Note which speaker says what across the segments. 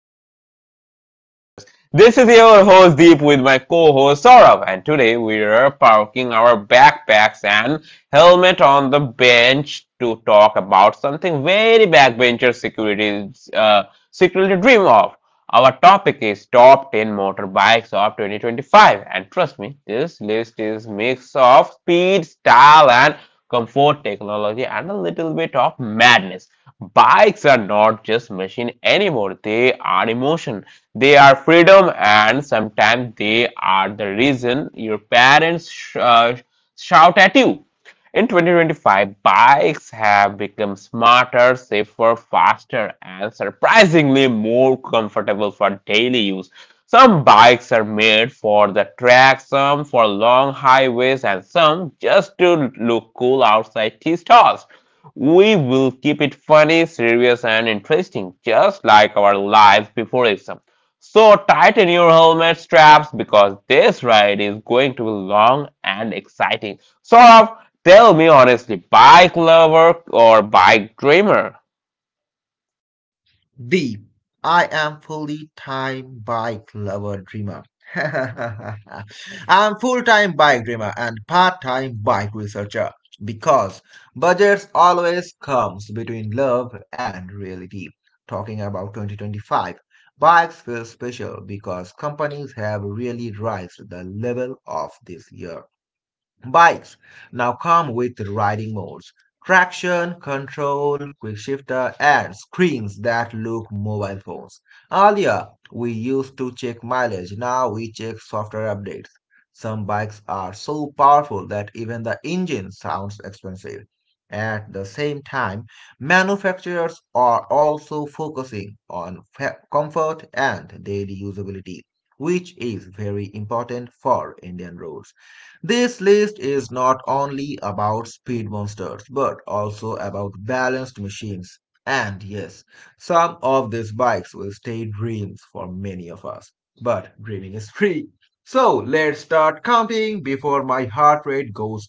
Speaker 1: our show, The Backbenchers. This is your host Deep with my co-host Saurabh, and today we are parking our backpacks and helmet on the bench to talk about something very backbencher uh, security dream of. Our topic is top 10 motorbikes of 2025, and trust me, this list is mix of speed, style, and comfort, technology, and a little bit of madness. Bikes are not just machine anymore. They are emotion. They are freedom, and sometimes they are the reason your parents shout at you. In 2025, bikes have become smarter, safer, faster, and surprisingly more comfortable for daily use. Some bikes are made for the track, some for long highways, and some just to look cool outside tea stalls. We will keep it funny, serious, and interesting, just like our lives before exam. So tighten your helmet straps because this ride is going to be long and exciting. Sort tell me honestly, bike lover or bike dreamer?
Speaker 2: B. I am fully time bike lover dreamer. I'm full time bike dreamer and part time bike researcher because budgets always comes between love and reality. Talking about 2025, bikes feel special because companies have really raised the level of this year. Bikes now come with riding modes, traction control, quick shifter, and screens that look mobile phones. Earlier, we used to check mileage, now we check software updates. Some bikes are so powerful that even the engine sounds expensive. At the same time, manufacturers are also focusing on comfort and daily usability, which is very important for Indian roads. This list is not only about speed monsters but also about balanced machines. And yes, some of these bikes will stay dreams for many of us. But dreaming is free. So let's start counting before my heart rate goes.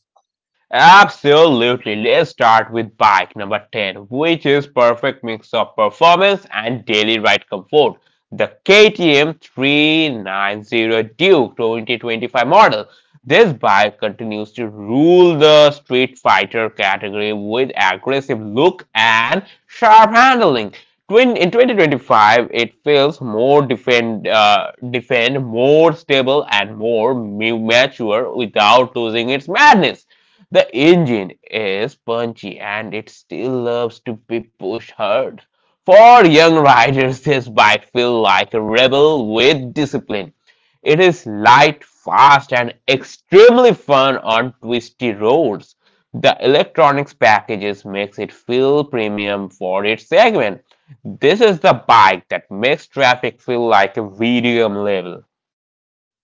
Speaker 1: Absolutely. Let's start with bike number 10, which is perfect mix of performance and daily ride comfort. The KTM 390 Duke 2025 model. This bike continues to rule the street fighter category with aggressive look and sharp handling. Twin, in 2025, it feels more defend, more stable, and more mature without losing its madness. The engine is punchy and it still loves to be pushed hard. For young riders, this bike feels like a rebel with discipline. It is light, fast, and extremely fun on twisty roads. The electronics packages makes it feel premium for its segment. This is the bike that makes traffic feel like a video level.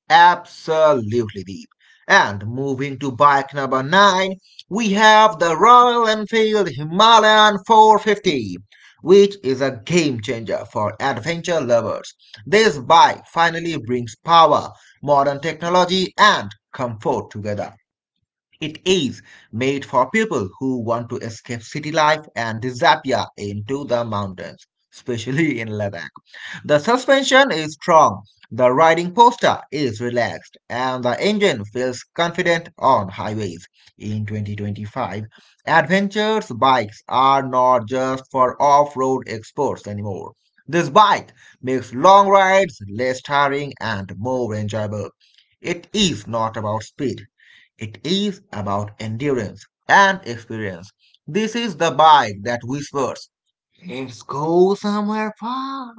Speaker 2: Absolutely, deep. And moving to bike number nine, we have the Royal Enfield Himalayan 450, which is a game changer for adventure lovers. This bike finally brings power, modern technology, and comfort together. It is made for people who want to escape city life and disappear into the mountains, especially in Ladakh. The suspension is strong, the riding posture is relaxed, and the engine feels confident on highways. In 2025, adventures bikes are not just for off-road exports anymore. This bike makes long rides less tiring and more enjoyable. It is not about speed. It is about endurance and experience. This is the bike that whispers, "Let's go somewhere far."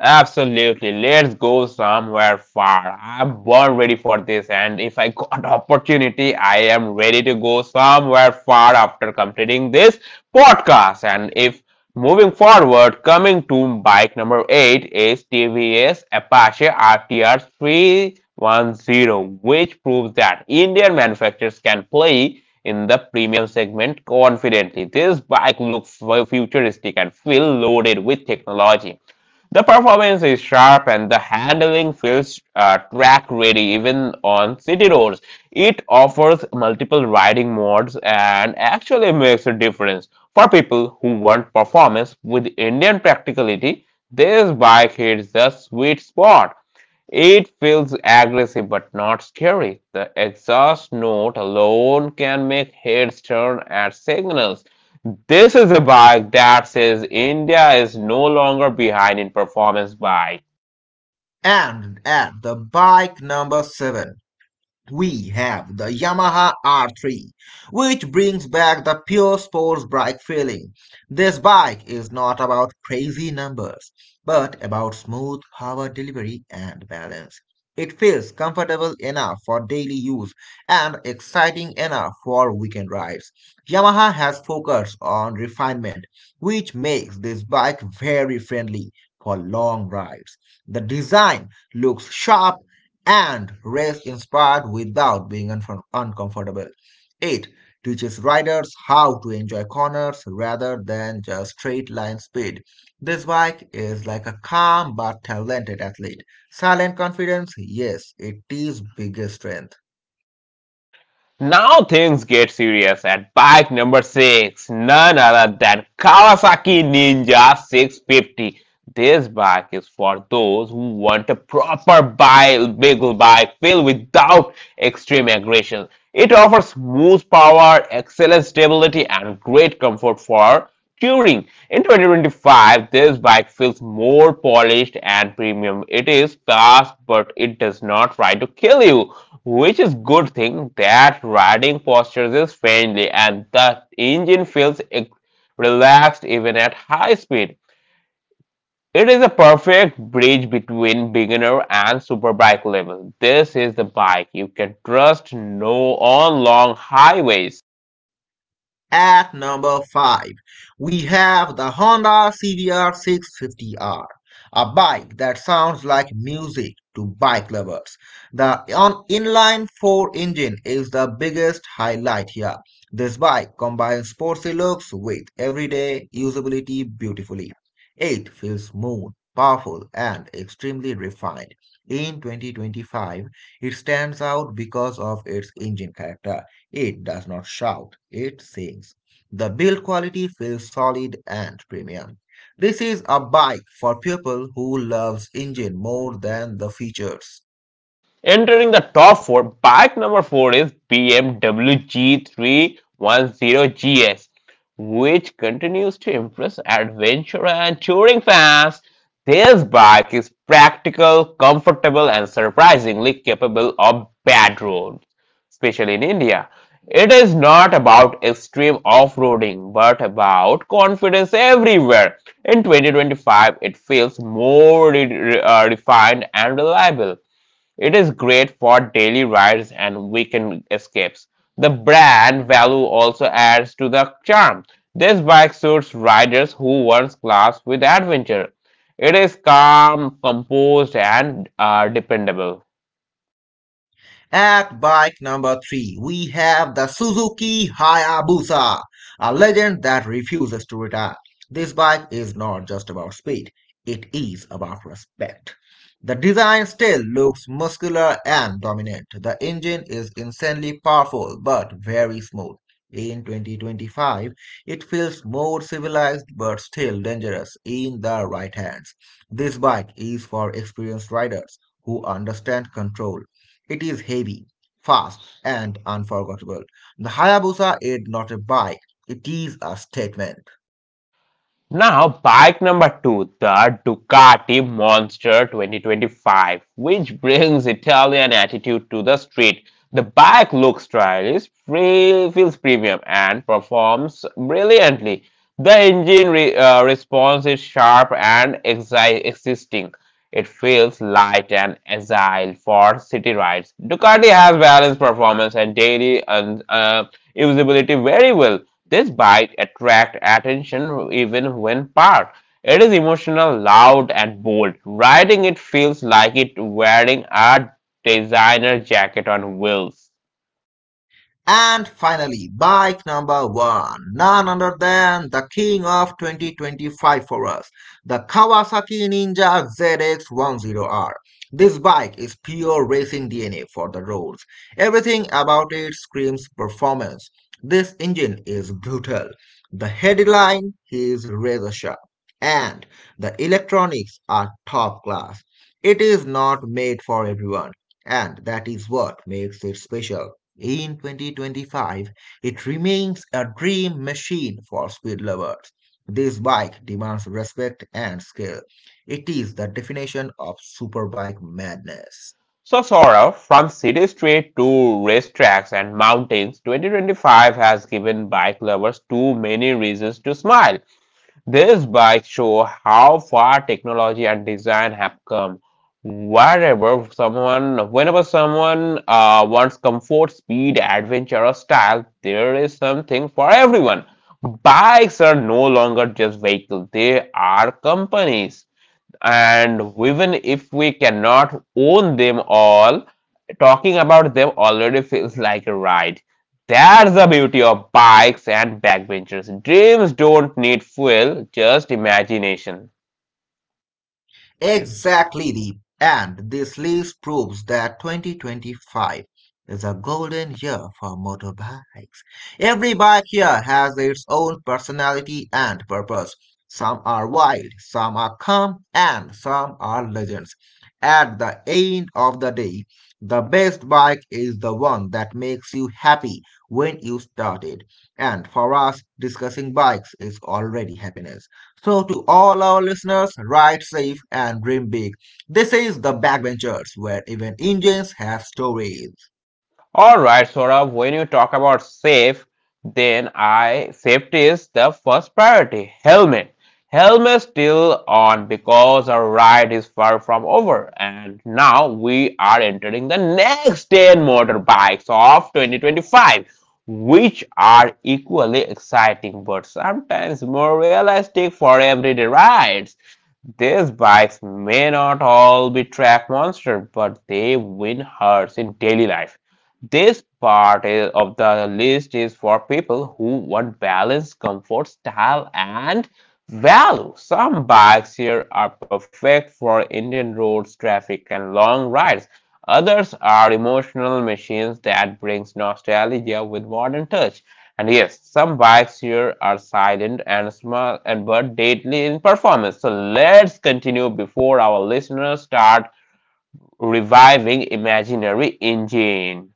Speaker 1: Absolutely. Let's go somewhere far. I'm born ready for this, and if I got opportunity, I am ready to go somewhere far after completing this podcast. And if moving forward, coming to bike number eight is TVS Apache RTR 310, which proves that Indian manufacturers can play in the premium segment confidently. This bike looks futuristic and feel loaded with technology. The performance is sharp and the handling feels track ready even on city roads. It offers multiple riding modes and actually makes a difference. For people who want performance with Indian practicality, this bike hits the sweet spot. It feels aggressive but not scary. The exhaust note alone can make heads turn at signals. This is a bike that says India is no longer behind in performance bike.
Speaker 2: And at the bike number seven, we have the Yamaha R3, which brings back the pure sports bike feeling. This bike is not about crazy numbers, but about smooth power delivery and balance. It feels comfortable enough for daily use and exciting enough for weekend rides. Yamaha has focused on refinement, which makes this bike very friendly for long rides. The design looks sharp and rest inspired without being uncomfortable. It teaches riders how to enjoy corners rather than just straight line speed. This bike is like a calm but talented athlete. Silent confidence, yes, it is biggest strength.
Speaker 1: Now things get serious at bike number 6, none other than Kawasaki Ninja 650. This bike is for those who want a proper bike, big bike filled without extreme aggression. It offers smooth power, excellent stability, and great comfort for touring. In 2025, this bike feels more polished and premium. It is fast, but it does not try to kill you, which is good thing that riding posture is friendly and the engine feels relaxed even at high speed. It is a perfect bridge between beginner and superbike level. This is the bike you can trust no on long highways.
Speaker 2: At number 5, we have the Honda CBR 650R, a bike that sounds like music to bike lovers. The inline 4 engine is the biggest highlight here. This bike combines sporty looks with everyday usability beautifully. It feels smooth, powerful, and extremely refined. In 2025, it stands out because of its engine character. It does not shout, it sings. The build quality feels solid and premium. This is a bike for people who loves engine more than the features.
Speaker 1: Entering the top 4, bike number 4 is BMW G310GS, which continues to impress adventure and touring fans. This bike is practical, comfortable, and surprisingly capable of bad road, especially in India. It is not about extreme off roading, but about confidence everywhere. In 2025, it feels more refined and reliable. It is great for daily rides and weekend escapes. The brand value also adds to the charm. This bike suits riders who want class with adventure. It is calm, composed, and dependable.
Speaker 2: At bike number three, we have the Suzuki Hayabusa, a legend that refuses to retire. This bike is not just about speed, it is about respect. The design still looks muscular and dominant. The engine is insanely powerful but very smooth. In 2025, it feels more civilized but still dangerous in the right hands. This bike is for experienced riders who understand control. It is heavy, fast, and unforgettable. The Hayabusa is not a bike, it is a statement.
Speaker 1: Now, bike number two, the Ducati Monster 2025, which brings Italian attitude to the street. The bike looks stylish, feels premium, and performs brilliantly. The engine response is sharp and existing. It feels light and agile for city rides. Ducati has balanced performance and daily and usability very well. This bike attracts attention even when parked. It is emotional, loud, and bold. Riding it feels like it wearing a designer jacket on wheels.
Speaker 2: And finally, bike number one, none other than the king of 2025 for us, the Kawasaki Ninja ZX10R. This bike is pure racing DNA for the roads. Everything about it screams performance. This engine is brutal. The headline is razor sharp. And the electronics are top class. It is not made for everyone, and that is what makes it special. In 2025, it remains a dream machine for speed lovers. This bike demands respect and skill. It is the definition of superbike madness.
Speaker 1: So, Sora, from city street to racetracks and mountains, 2025 has given bike lovers too many reasons to smile. These bikes show how far technology and design have come. Whenever someone wants comfort, speed, adventure, or style, there is something for everyone. Bikes are no longer just vehicles; they are companies and even if we cannot own them all, talking about them already feels like a ride. That's the beauty of bikes and backbenchers. Dreams don't need fuel, just imagination.
Speaker 2: Exactly, Deep. And this list proves that 2025 is a golden year for motorbikes. Every bike here has its own personality and purpose. Some are wild, some are calm, and some are legends. At the end of the day, the best bike is the one that makes you happy when you start it. And for us, discussing bikes is already happiness. So, to all our listeners, ride safe and dream big. This is The Backbenchers, where even engines have stories.
Speaker 1: All right, Saurabh, when you talk about safe, then I safety is the first priority. Helmet. Helmet still on because our ride is far from over. And now we are entering the next 10 motorbikes of 2025, which are equally exciting but sometimes more realistic for everyday rides. These bikes may not all be track monsters, but they win hearts in daily life. Of the list is for people who want balance, comfort, style, and value. Some bikes here are perfect for Indian roads, traffic, and long rides. Others are emotional machines that brings nostalgia with modern touch. And yes, some bikes here are silent and small and but deadly in performance. So let's continue before our listeners start reviving imaginary engine.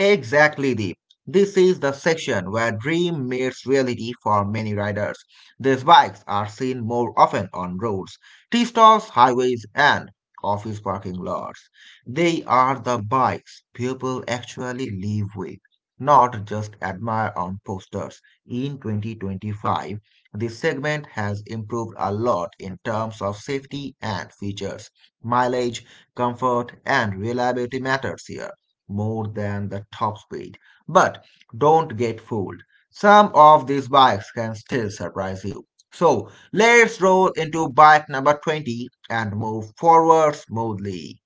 Speaker 2: Exactly, Deep. This is the section where dream meets reality for many riders. These bikes are seen more often on roads, tea stalls, highways, and office parking lots. They are the bikes people actually live with, not just admire on posters. In 2025, this segment has improved a lot in terms of safety and features. Mileage, comfort, and reliability matters here more than the top speed. But don't get fooled. Some of these bikes can still surprise you. So let's roll into bike number 20 and move forward smoothly.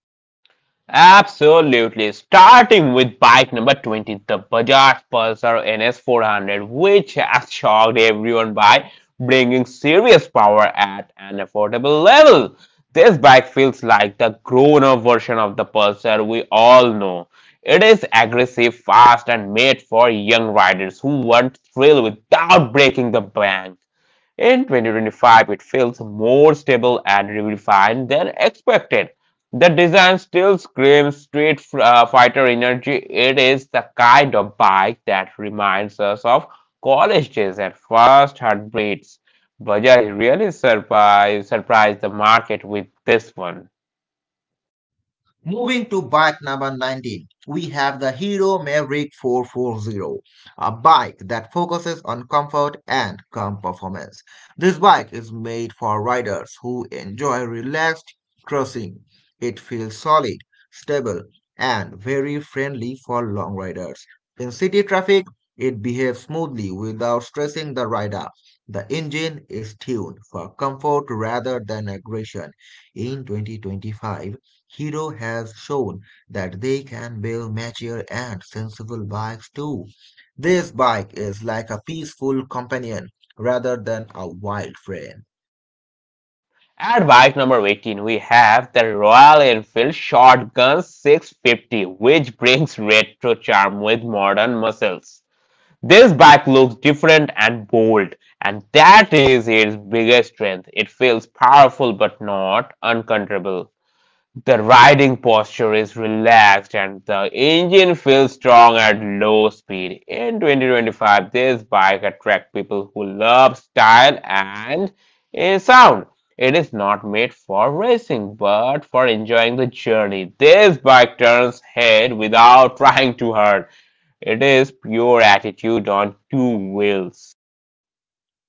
Speaker 1: Absolutely. Starting with bike number 20, the Bajaj Pulsar NS400, which has shocked everyone by bringing serious power at an affordable level. This bike feels like the grown up version of the Pulsar we all know. It is aggressive, fast, and made for young riders who want thrill without breaking the bank. In 2025, it feels more stable and refined than expected. The design still screams Street Fighter energy. It is the kind of bike that reminds us of college days and first heartbeats. Bajaj really surprised the market with this one.
Speaker 2: Moving to bike number 19, we have the Hero Maverick 440, a bike that focuses on comfort and calm performance. This bike is made for riders who enjoy relaxed cruising. It feels solid, stable, and very friendly for long riders. In city traffic, it behaves smoothly without stressing the rider. The engine is tuned for comfort rather than aggression. In 2025, Hero has shown that they can build mature and sensible bikes too. This bike is like a peaceful companion rather than a wild friend.
Speaker 1: At bike number 18, we have the Royal Enfield Shotgun 650, which brings retro charm with modern muscles. This bike looks different and bold, and that is its biggest strength. It feels powerful but not uncontrollable. The riding posture is relaxed and the engine feels strong at low speed. In 2025, this bike attracts people who love style and sound. It is not made for racing but for enjoying the journey. This bike turns head without trying too hard. It is pure attitude on two wheels.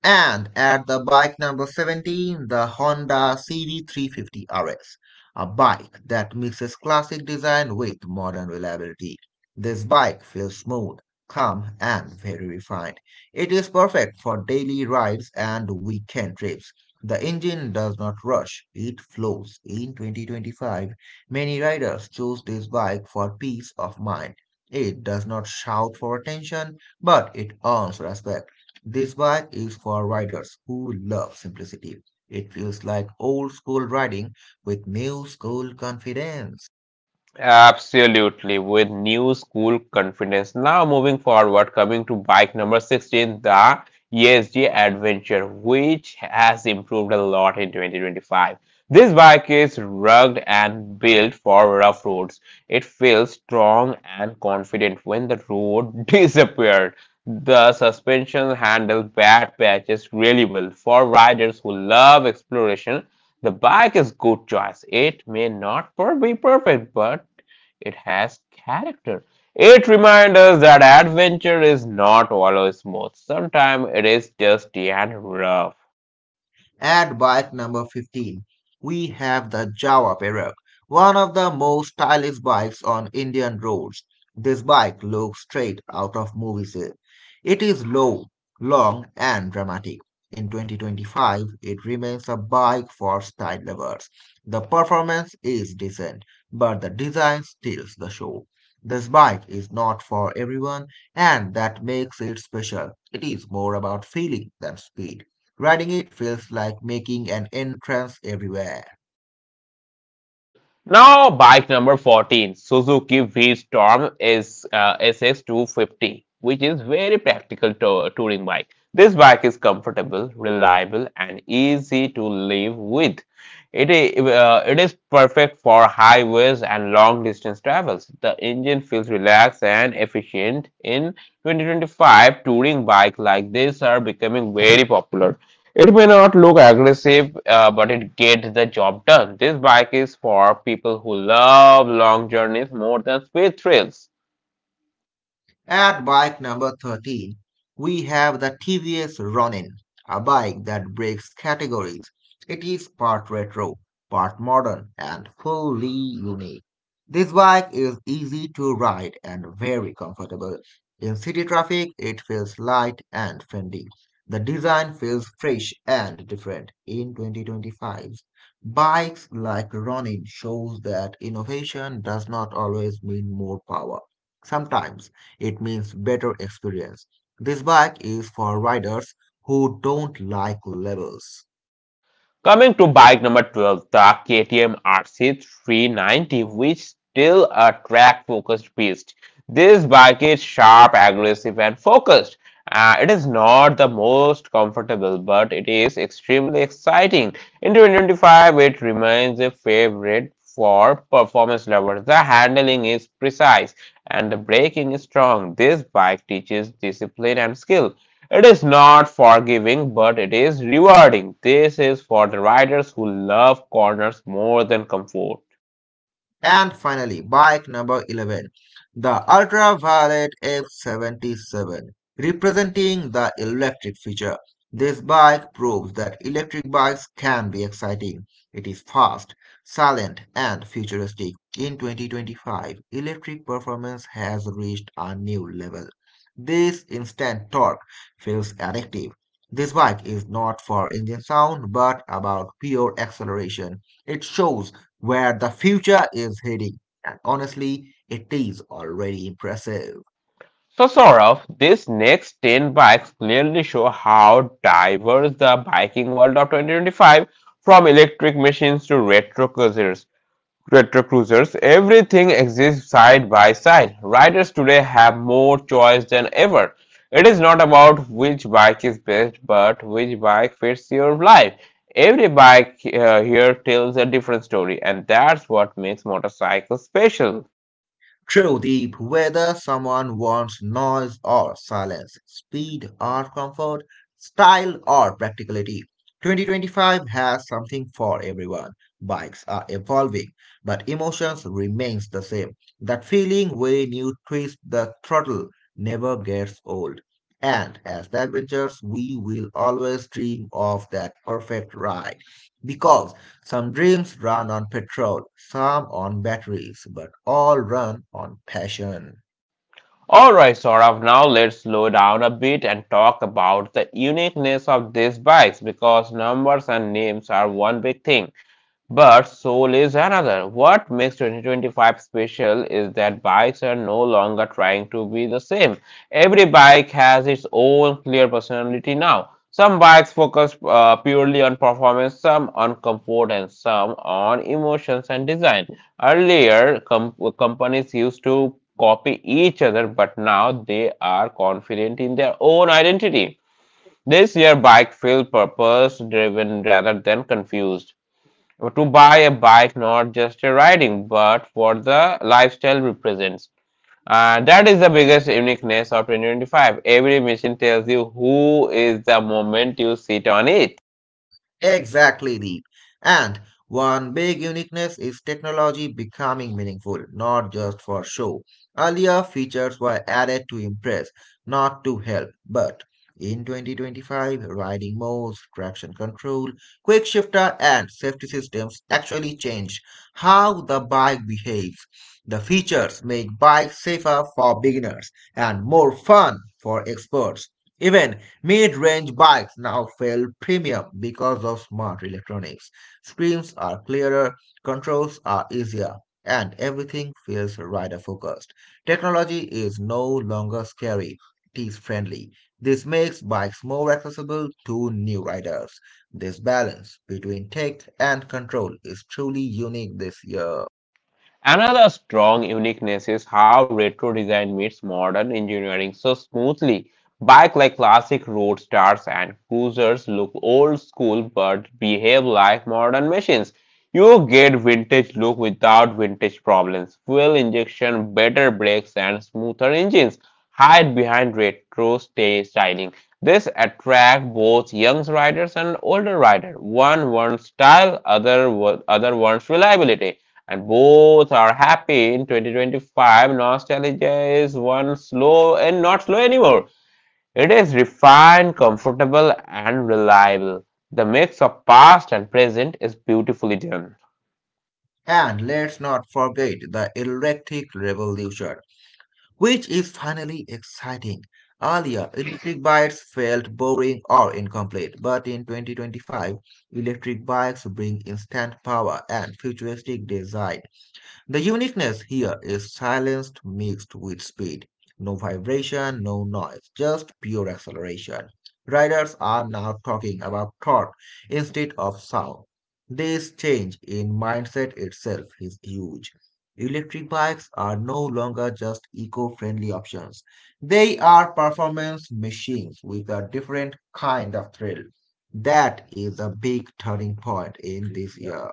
Speaker 2: And at the bike number 17, the Honda CV350 RS, a bike that mixes classic design with modern reliability. This bike feels smooth, calm, and very refined. It is perfect for daily rides and weekend trips. The engine does not rush, it flows. In 2025, many riders choose this bike for peace of mind. It does not shout for attention, but it earns respect. This bike is for riders who love simplicity. It feels like old school riding with new school confidence.
Speaker 1: Absolutely, with new school confidence. Now, moving forward, coming to bike number 16, the ESG Adventure, which has improved a lot in 2025. This bike is rugged and built for rough roads. It feels strong and confident when the road disappeared. The suspension handles bad patches really well for riders who love exploration. The bike is good choice. It may not be perfect, but it has character. It reminds us that adventure is not always smooth. Sometimes it is dusty and rough.
Speaker 2: At bike number 15, we have the Jawa Perak, one of the most stylish bikes on Indian roads. This bike looks straight out of movies. It is low, long, and dramatic. In 2025, it remains a bike for style lovers. The performance is decent, but the design steals the show. This bike is not for everyone, and that makes it special. It is more about feeling than speed. Riding it feels like making an entrance everywhere.
Speaker 1: Now, bike number 14, Suzuki V Storm is SS250, which is very practical touring bike. This bike is comfortable, reliable, and easy to live with. It is perfect for highways and long distance travels. The engine feels relaxed and efficient. In 2025, touring bikes like this are becoming very popular. It may not look aggressive, but it gets the job done. This bike is for people who love long journeys more than speed thrills.
Speaker 2: At bike number 13, we have the TVS Ronin, a bike that breaks categories. It is part retro, part modern, and fully unique. This bike is easy to ride and very comfortable. In city traffic, it feels light and friendly. The design feels fresh and different in 2025. Bikes like Ronin shows that innovation does not always mean more power. Sometimes it means better experience. This bike is for riders who don't like levels.
Speaker 1: Coming to bike number 12, the KTM RC390, which still a track-focused beast. This bike is sharp, aggressive, and focused. It is not the most comfortable, but it is extremely exciting. In 2025, it remains a favorite for performance lovers. The handling is precise and the braking is strong. This bike teaches discipline and skill. It is not forgiving, but it is rewarding. This is for the riders who love corners more than comfort.
Speaker 2: And finally, bike number 11, the Ultraviolet F77, representing the electric feature. This bike proves that electric bikes can be exciting. It is fast, silent, and futuristic. In 2025, electric performance has reached a new level. This instant torque feels addictive. This bike is not for engine sound but about pure acceleration. It shows where the future is heading, and honestly, it is already impressive.
Speaker 1: So, Saurav, these next 10 bikes clearly show how diverse the biking world of 2025 from electric machines to retro cruisers. Retrocruisers, everything exists side by side. Riders today have more choice than ever. It is not about which bike is best, but which bike fits your life. Every bike here tells a different story, and that's what makes motorcycles special.
Speaker 2: True deep, whether someone wants noise or silence, speed or comfort, style or practicality, 2025 has something for everyone. Bikes are evolving, but emotions remains the same. That feeling when you twist the throttle never gets old. And as the adventures, we will always dream of that perfect ride because some dreams run on petrol, some on batteries, but all run on passion.
Speaker 1: Alright, Saurav, now let's slow down a bit and talk about the uniqueness of these bikes because numbers and names are one big thing. But Soul is another. What makes 2025 special is that bikes are no longer trying to be the same. Every bike has its own clear personality now. Some bikes focus purely on performance, some on comfort, and some on emotions and design. Earlier, companies used to copy each other, but now they are confident in their own identity. This year, bike feel purpose driven rather than confused to buy a bike not just a riding but for the lifestyle represents. Uh, that is the biggest uniqueness of 2025. Every machine tells you who is the moment you sit on it.
Speaker 2: Exactly, Deep. And one big uniqueness is technology becoming meaningful, not just for show. Earlier, features were added to impress, not to help. But in 2025, riding modes, traction control, quick shifter, and safety systems actually changed how the bike behaves. The features make bikes safer for beginners and more fun for experts. Even mid range bikes now feel premium because of smart electronics. Screens are clearer, controls are easier, and everything feels rider focused. Technology is no longer scary, it is friendly. This makes bikes more accessible to new riders. This balance between tech and control is truly unique this year.
Speaker 1: Another strong uniqueness is how retro design meets modern engineering so smoothly. Bike like classic roadsters and cruisers look old school but behave like modern machines. You get vintage look without vintage problems. Fuel injection, better brakes, and smoother engines hide behind retro stay styling. This attract both young riders and older riders. One wants style, other wants reliability and both are happy in 2025. Nostalgia is one slow and not slow anymore. It is refined, comfortable and reliable. The mix of past and present is beautifully done.
Speaker 2: And let's not forget the electric revolution, which is finally exciting. Earlier, electric bikes felt boring or incomplete, but in 2025, electric bikes bring instant power and futuristic design. The uniqueness here is silenced mixed with speed. No vibration, no noise, just pure acceleration. Riders are now talking about thought instead of sound. This change in mindset itself is huge. Electric bikes are no longer just eco-friendly options. They are performance machines with a different kind of thrill. That is a big turning point in this year.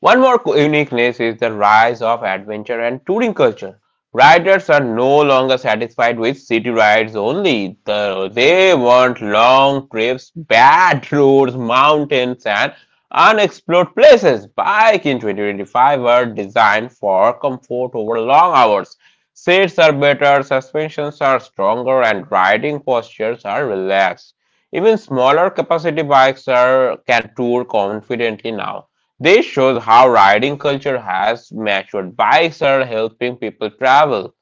Speaker 1: One more uniqueness is the rise of adventure and touring culture. Riders are no longer satisfied with city rides only. The- they want long trips, bad roads, mountains, and unexplored places. Bike in 2025 were designed for comfort over long hours. Seats are better, suspensions are stronger, and riding postures are relaxed. Even smaller capacity bikes are, can tour confidently now. This shows how riding culture has matured. Bikes are helping people travel.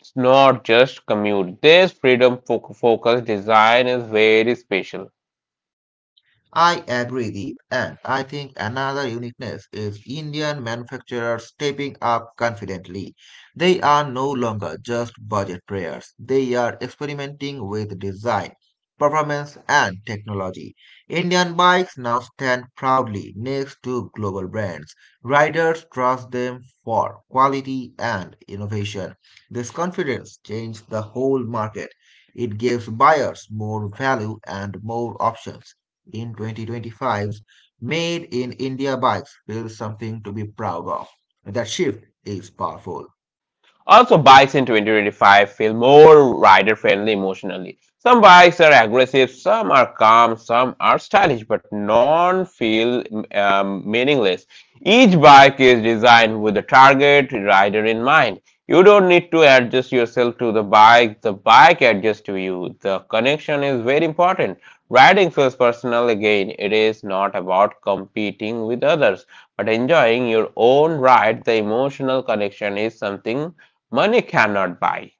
Speaker 1: It's not just commute. This focused design is very special.
Speaker 2: I agree, Deep, and I think another uniqueness is Indian manufacturers stepping up confidently. They are no longer just budget players, they are experimenting with design, performance, and technology. Indian bikes now stand proudly next to global brands. Riders trust them for quality and innovation. This confidence changed the whole market. It gives buyers more value and more options in 2025's Made in India bikes build something to be proud of. That shift is powerful.
Speaker 1: Also, bikes in 2025 feel more rider friendly emotionally. Some bikes are aggressive, some are calm, some are stylish, but none feel meaningless. Each bike is designed with a target rider in mind. You don't need to adjust yourself to the bike adjusts to you. The connection is very important. Riding feels personal again. It is not about competing with others, but enjoying your own ride. The emotional connection is something money cannot buy.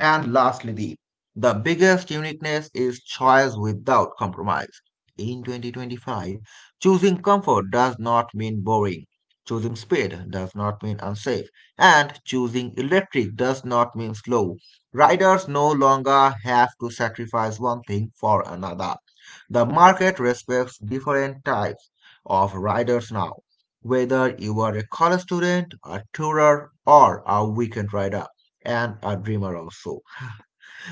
Speaker 2: And lastly, the biggest uniqueness is choice without compromise. In 2025, choosing comfort does not mean boring. Choosing speed does not mean unsafe. And choosing electric does not mean slow. Riders no longer have to sacrifice one thing for another. The market respects different types of riders now, whether you are a college student, a tourer, or a weekend rider and a dreamer also.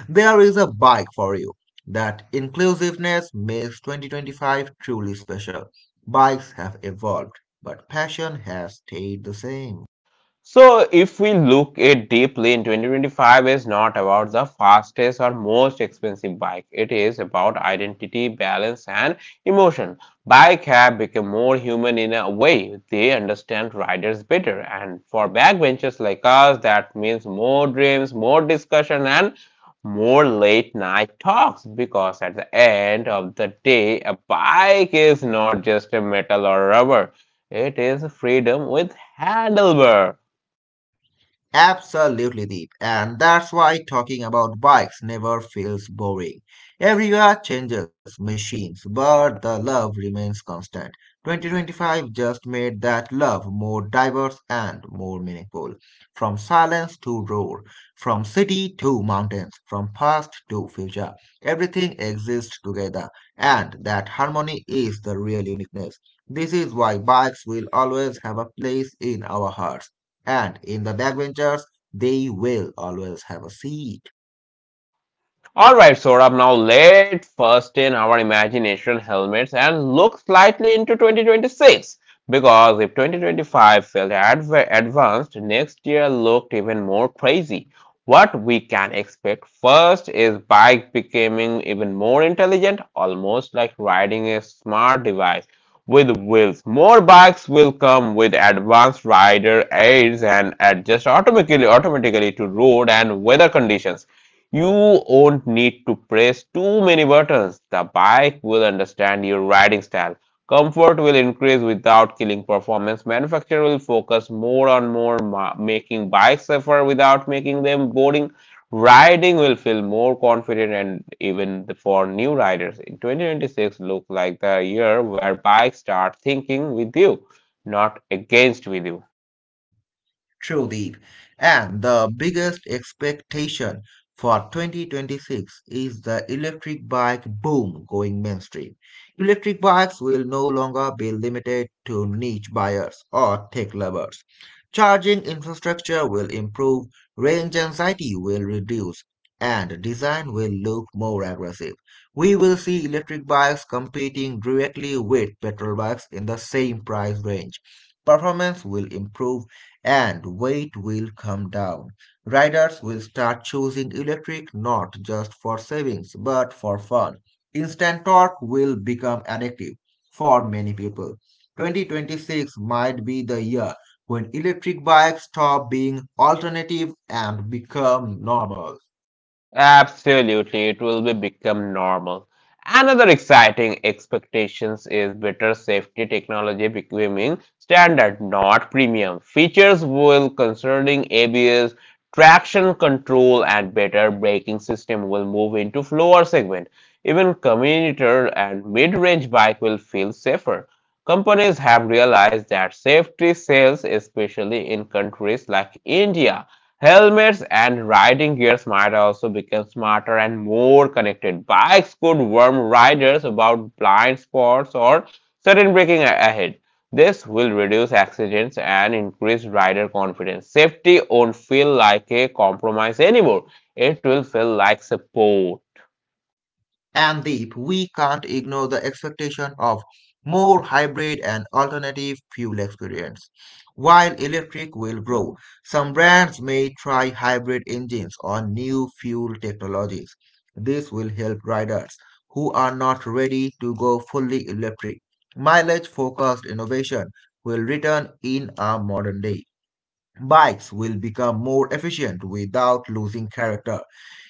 Speaker 2: There is a bike for you. That inclusiveness makes 2025 truly special. Bikes have evolved, but passion has stayed the same.
Speaker 1: So, if we look at deeply, in 2025 is not about the fastest or most expensive bike. It is about identity, balance and emotion. Bike have become more human in a way. They understand riders better. And for backbenchers like us, that means more dreams, more discussion and more late night talks, because at the end of the day, a bike is not just a metal or rubber. It is freedom with handlebar.
Speaker 2: Absolutely deep. And that's why talking about bikes never feels boring. Everywhere changes, machines, but the love remains constant. 2025 just made that love more diverse and more meaningful. From silence to roar, from city to mountains, from past to future, everything exists together, and that harmony is the real uniqueness. This is why bikes will always have a place in our hearts and in the backbenchers, they will always have a seat.
Speaker 1: Alright, Saurabh, now let's first in our imagination helmets and look slightly into 2026. Because if 2025 felt advanced, next year looked even more crazy. What we can expect first is bike becoming even more intelligent, almost like riding a smart device with wheels. More bikes will come with advanced rider aids and adjust automatically to road and weather conditions. You won't need to press too many buttons. The bike will understand your riding style. Comfort will increase without killing performance. Manufacturer will focus more on making bikes safer without making them boring. Riding will feel more confident and even for new riders. In 2026 look like the year where bikes start thinking with you, not against with you.
Speaker 2: Trudeep. And the biggest expectation for 2026 is the electric bike boom going mainstream. Electric bikes will no longer be limited to niche buyers or tech lovers. Charging infrastructure will improve, range anxiety will reduce, and design will look more aggressive. We will see electric bikes competing directly with petrol bikes in the same price range. Performance will improve and weight will come down. Riders will start choosing electric not just for savings but for fun. Instant torque will become addictive for many people. 2026 might be the year when electric bikes stop being alternative and become normal.
Speaker 1: Absolutely, it will be become normal. Another exciting expectations is better safety technology becoming standard, not premium. Features will concerning ABS, traction control, and better braking system will move into floor segment. Even commuter and mid-range bike will feel safer. Companies have realized that safety sells, especially in countries like India. Helmets and riding gears might also become smarter and more connected. Bikes could warn riders about blind spots or sudden braking ahead. This will reduce accidents and increase rider confidence. Safety won't feel like a compromise anymore. It will feel like support.
Speaker 2: And Deep, we can't ignore the expectation of more hybrid and alternative fuel experience. While electric will grow, some brands may try hybrid engines or new fuel technologies. This will help riders who are not ready to go fully electric. Mileage focused innovation will return in our modern day. Bikes will become more efficient without losing character.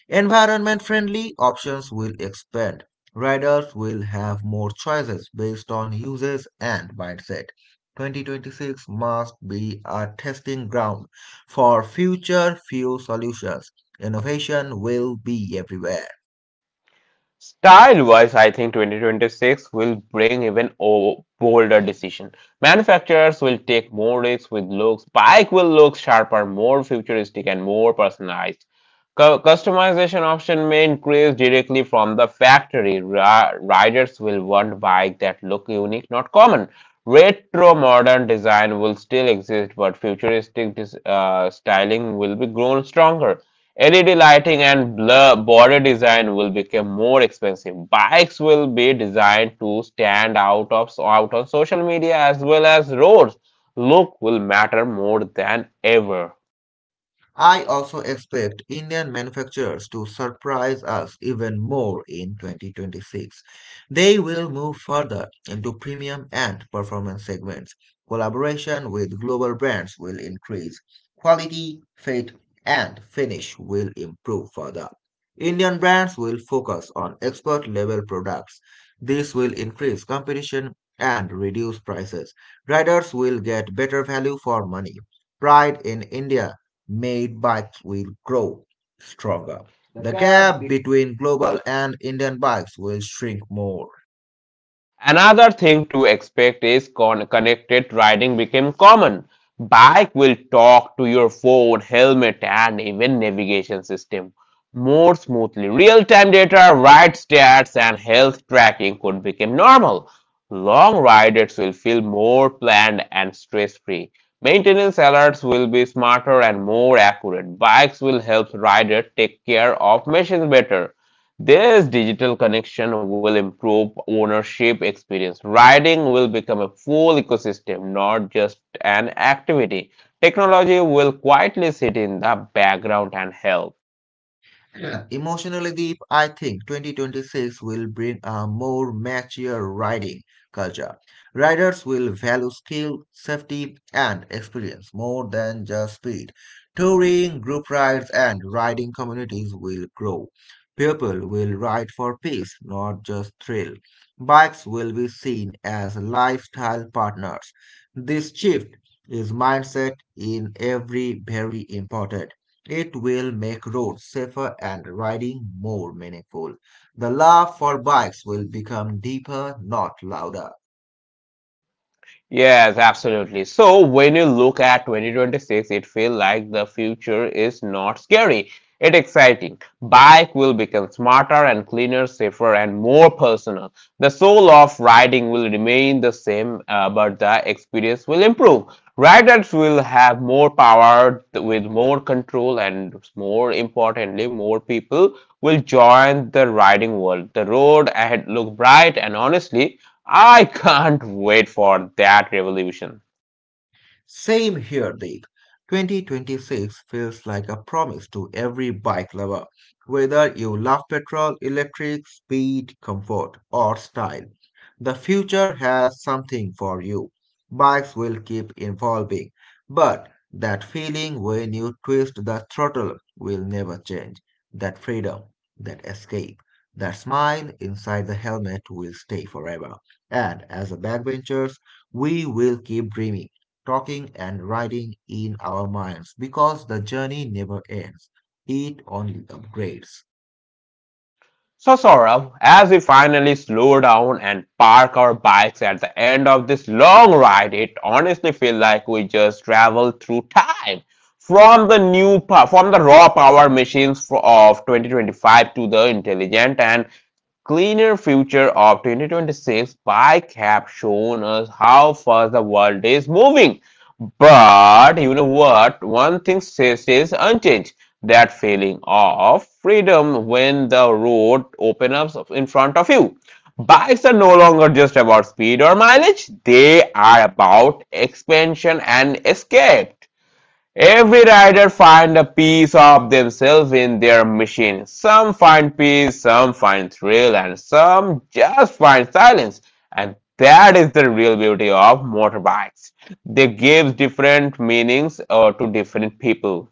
Speaker 2: Environment friendly options will expand. Riders will have more choices based on uses and mindset. 2026 must be a testing ground for future fuel solutions. Innovation will be everywhere.
Speaker 1: Style-wise, I think 2026 will bring even bolder decision. Manufacturers will take more risks with looks. Bike will look sharper, more futuristic, and more personalized. Cu- customization option may increase directly from the factory. Ra- riders will want bike that look unique, not common. Retro modern design will still exist, but styling will be grown stronger. LED lighting and blur border design will become more expensive. Bikes will be designed to stand out on social media as well as roads. Look will matter more than ever.
Speaker 2: I also expect Indian manufacturers to surprise us even more in 2026. They will move further into premium and performance segments. Collaboration with global brands will increase. Quality, fit, and finish will improve further. Indian brands will focus on export level products. This will increase competition and reduce prices. Riders will get better value for money. Pride in India made bikes will grow stronger. The gap between global and Indian bikes will shrink more.
Speaker 1: Another thing to expect is connected riding became common. Bike will talk to your phone, helmet, and even navigation system more smoothly. Real-time data, ride stats, and health tracking could become normal. Long riders will feel more planned and stress-free. Maintenance alerts will be smarter and more accurate. Bikes will help riders take care of machines better. This digital connection will improve ownership experience. Riding will become a full ecosystem, not just an activity. Technology will quietly sit in the background and help.
Speaker 2: Yeah. Emotionally deep, I think 2026 will bring a more mature riding culture. Riders will value skill, safety, and experience more than just speed. Touring, group rides, and riding communities will grow. People will ride for peace, not just thrill. Bikes will be seen as lifestyle partners. This shift is mindset in every very important. It will make roads safer and riding more meaningful. The love for bikes will become deeper, not louder.
Speaker 1: Yes, absolutely. So when you look at 2026, it feels like the future is not scary. It's exciting. Bike will become smarter and cleaner, safer and more personal. The soul of riding will remain the same, but the experience will improve. Riders will have more power with more control and, more importantly, more people will join the riding world. The road ahead look bright and, honestly, I can't wait for that revolution.
Speaker 2: Same here, Deep. 2026 feels like a promise to every bike lover, whether you love petrol, electric, speed, comfort, or style. The future has something for you. Bikes will keep evolving, but that feeling when you twist the throttle will never change. That freedom, that escape, that smile inside the helmet will stay forever. And as a backbenchers, we will keep dreaming talking and writing in our minds because the journey never ends. It only upgrades.
Speaker 1: So, Saurabh, as we finally slow down and park our bikes at the end of this long ride, it honestly feels like we just traveled through time from the new from the raw power machines of 2025 to the intelligent and cleaner future of 2026. Bike have shown us how fast the world is moving. But you know what? One thing stays unchanged: that feeling of freedom when the road opens up in front of you. Bikes are no longer just about speed or mileage, they are about expansion and escape. Every rider find a piece of themselves in their machine. Some find peace, some find thrill, and some just find silence. And that is the real beauty of motorbikes. They give different meanings to different people.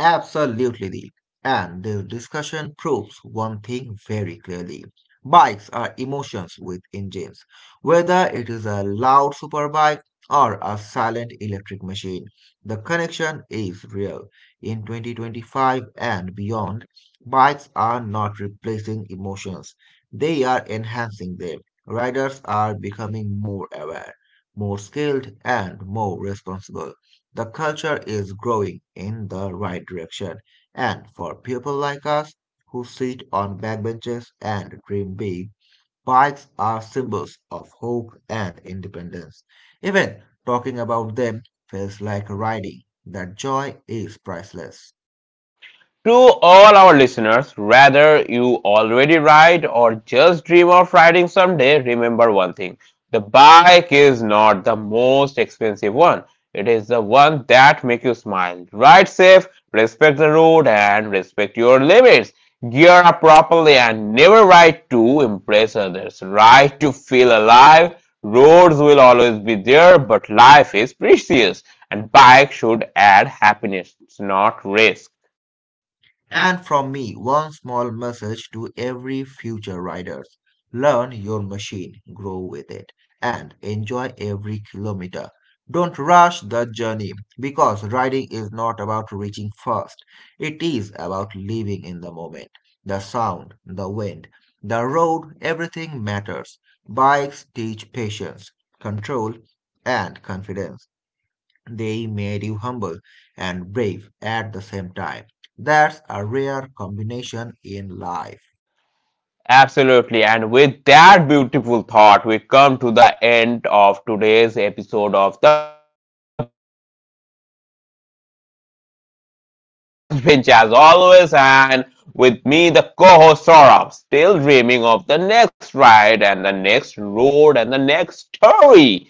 Speaker 2: Absolutely. And the discussion proves one thing very clearly. Bikes are emotions with engines. Whether it is a loud superbike or a silent electric machine, the connection is real. In 2025 and beyond, bikes are not replacing emotions, they are enhancing them. Riders are becoming more aware, more skilled, and more responsible. The culture is growing in the right direction, and for people like us who sit on backbenches and dream big, bikes are symbols of hope and independence. Even talking about them feels like riding. That joy is priceless.
Speaker 1: To all our listeners, whether you already ride or just dream of riding someday, remember one thing: the bike is not the most expensive one. It is the one that makes you smile. Ride safe, respect the road, and respect your limits. Gear up properly and never ride to impress others. Ride to feel alive. Roads will always be there, but life is precious, and bike should add happiness, not risk.
Speaker 2: And from me, one small message to every future riders. Learn your machine, grow with it, and enjoy every kilometer. Don't rush the journey because riding is not about reaching first. It is about living in the moment. The sound, the wind, the road, everything matters. Bikes teach patience, control, and confidence. They made you humble and brave at the same time. That's a rare combination in life.
Speaker 1: Absolutely. And with that beautiful thought, we come to the end of today's episode of The Backbenchers. This was your host, Deep, sitting proudly on the last bench as always, and with me, the co host, Saurabh, still dreaming of the next ride and the next road and the next story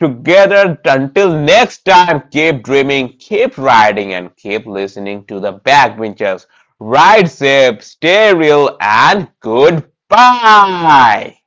Speaker 1: together. Until next time, keep dreaming, keep riding, and keep listening to the backbenchers. Ride safe, stay real, and goodbye.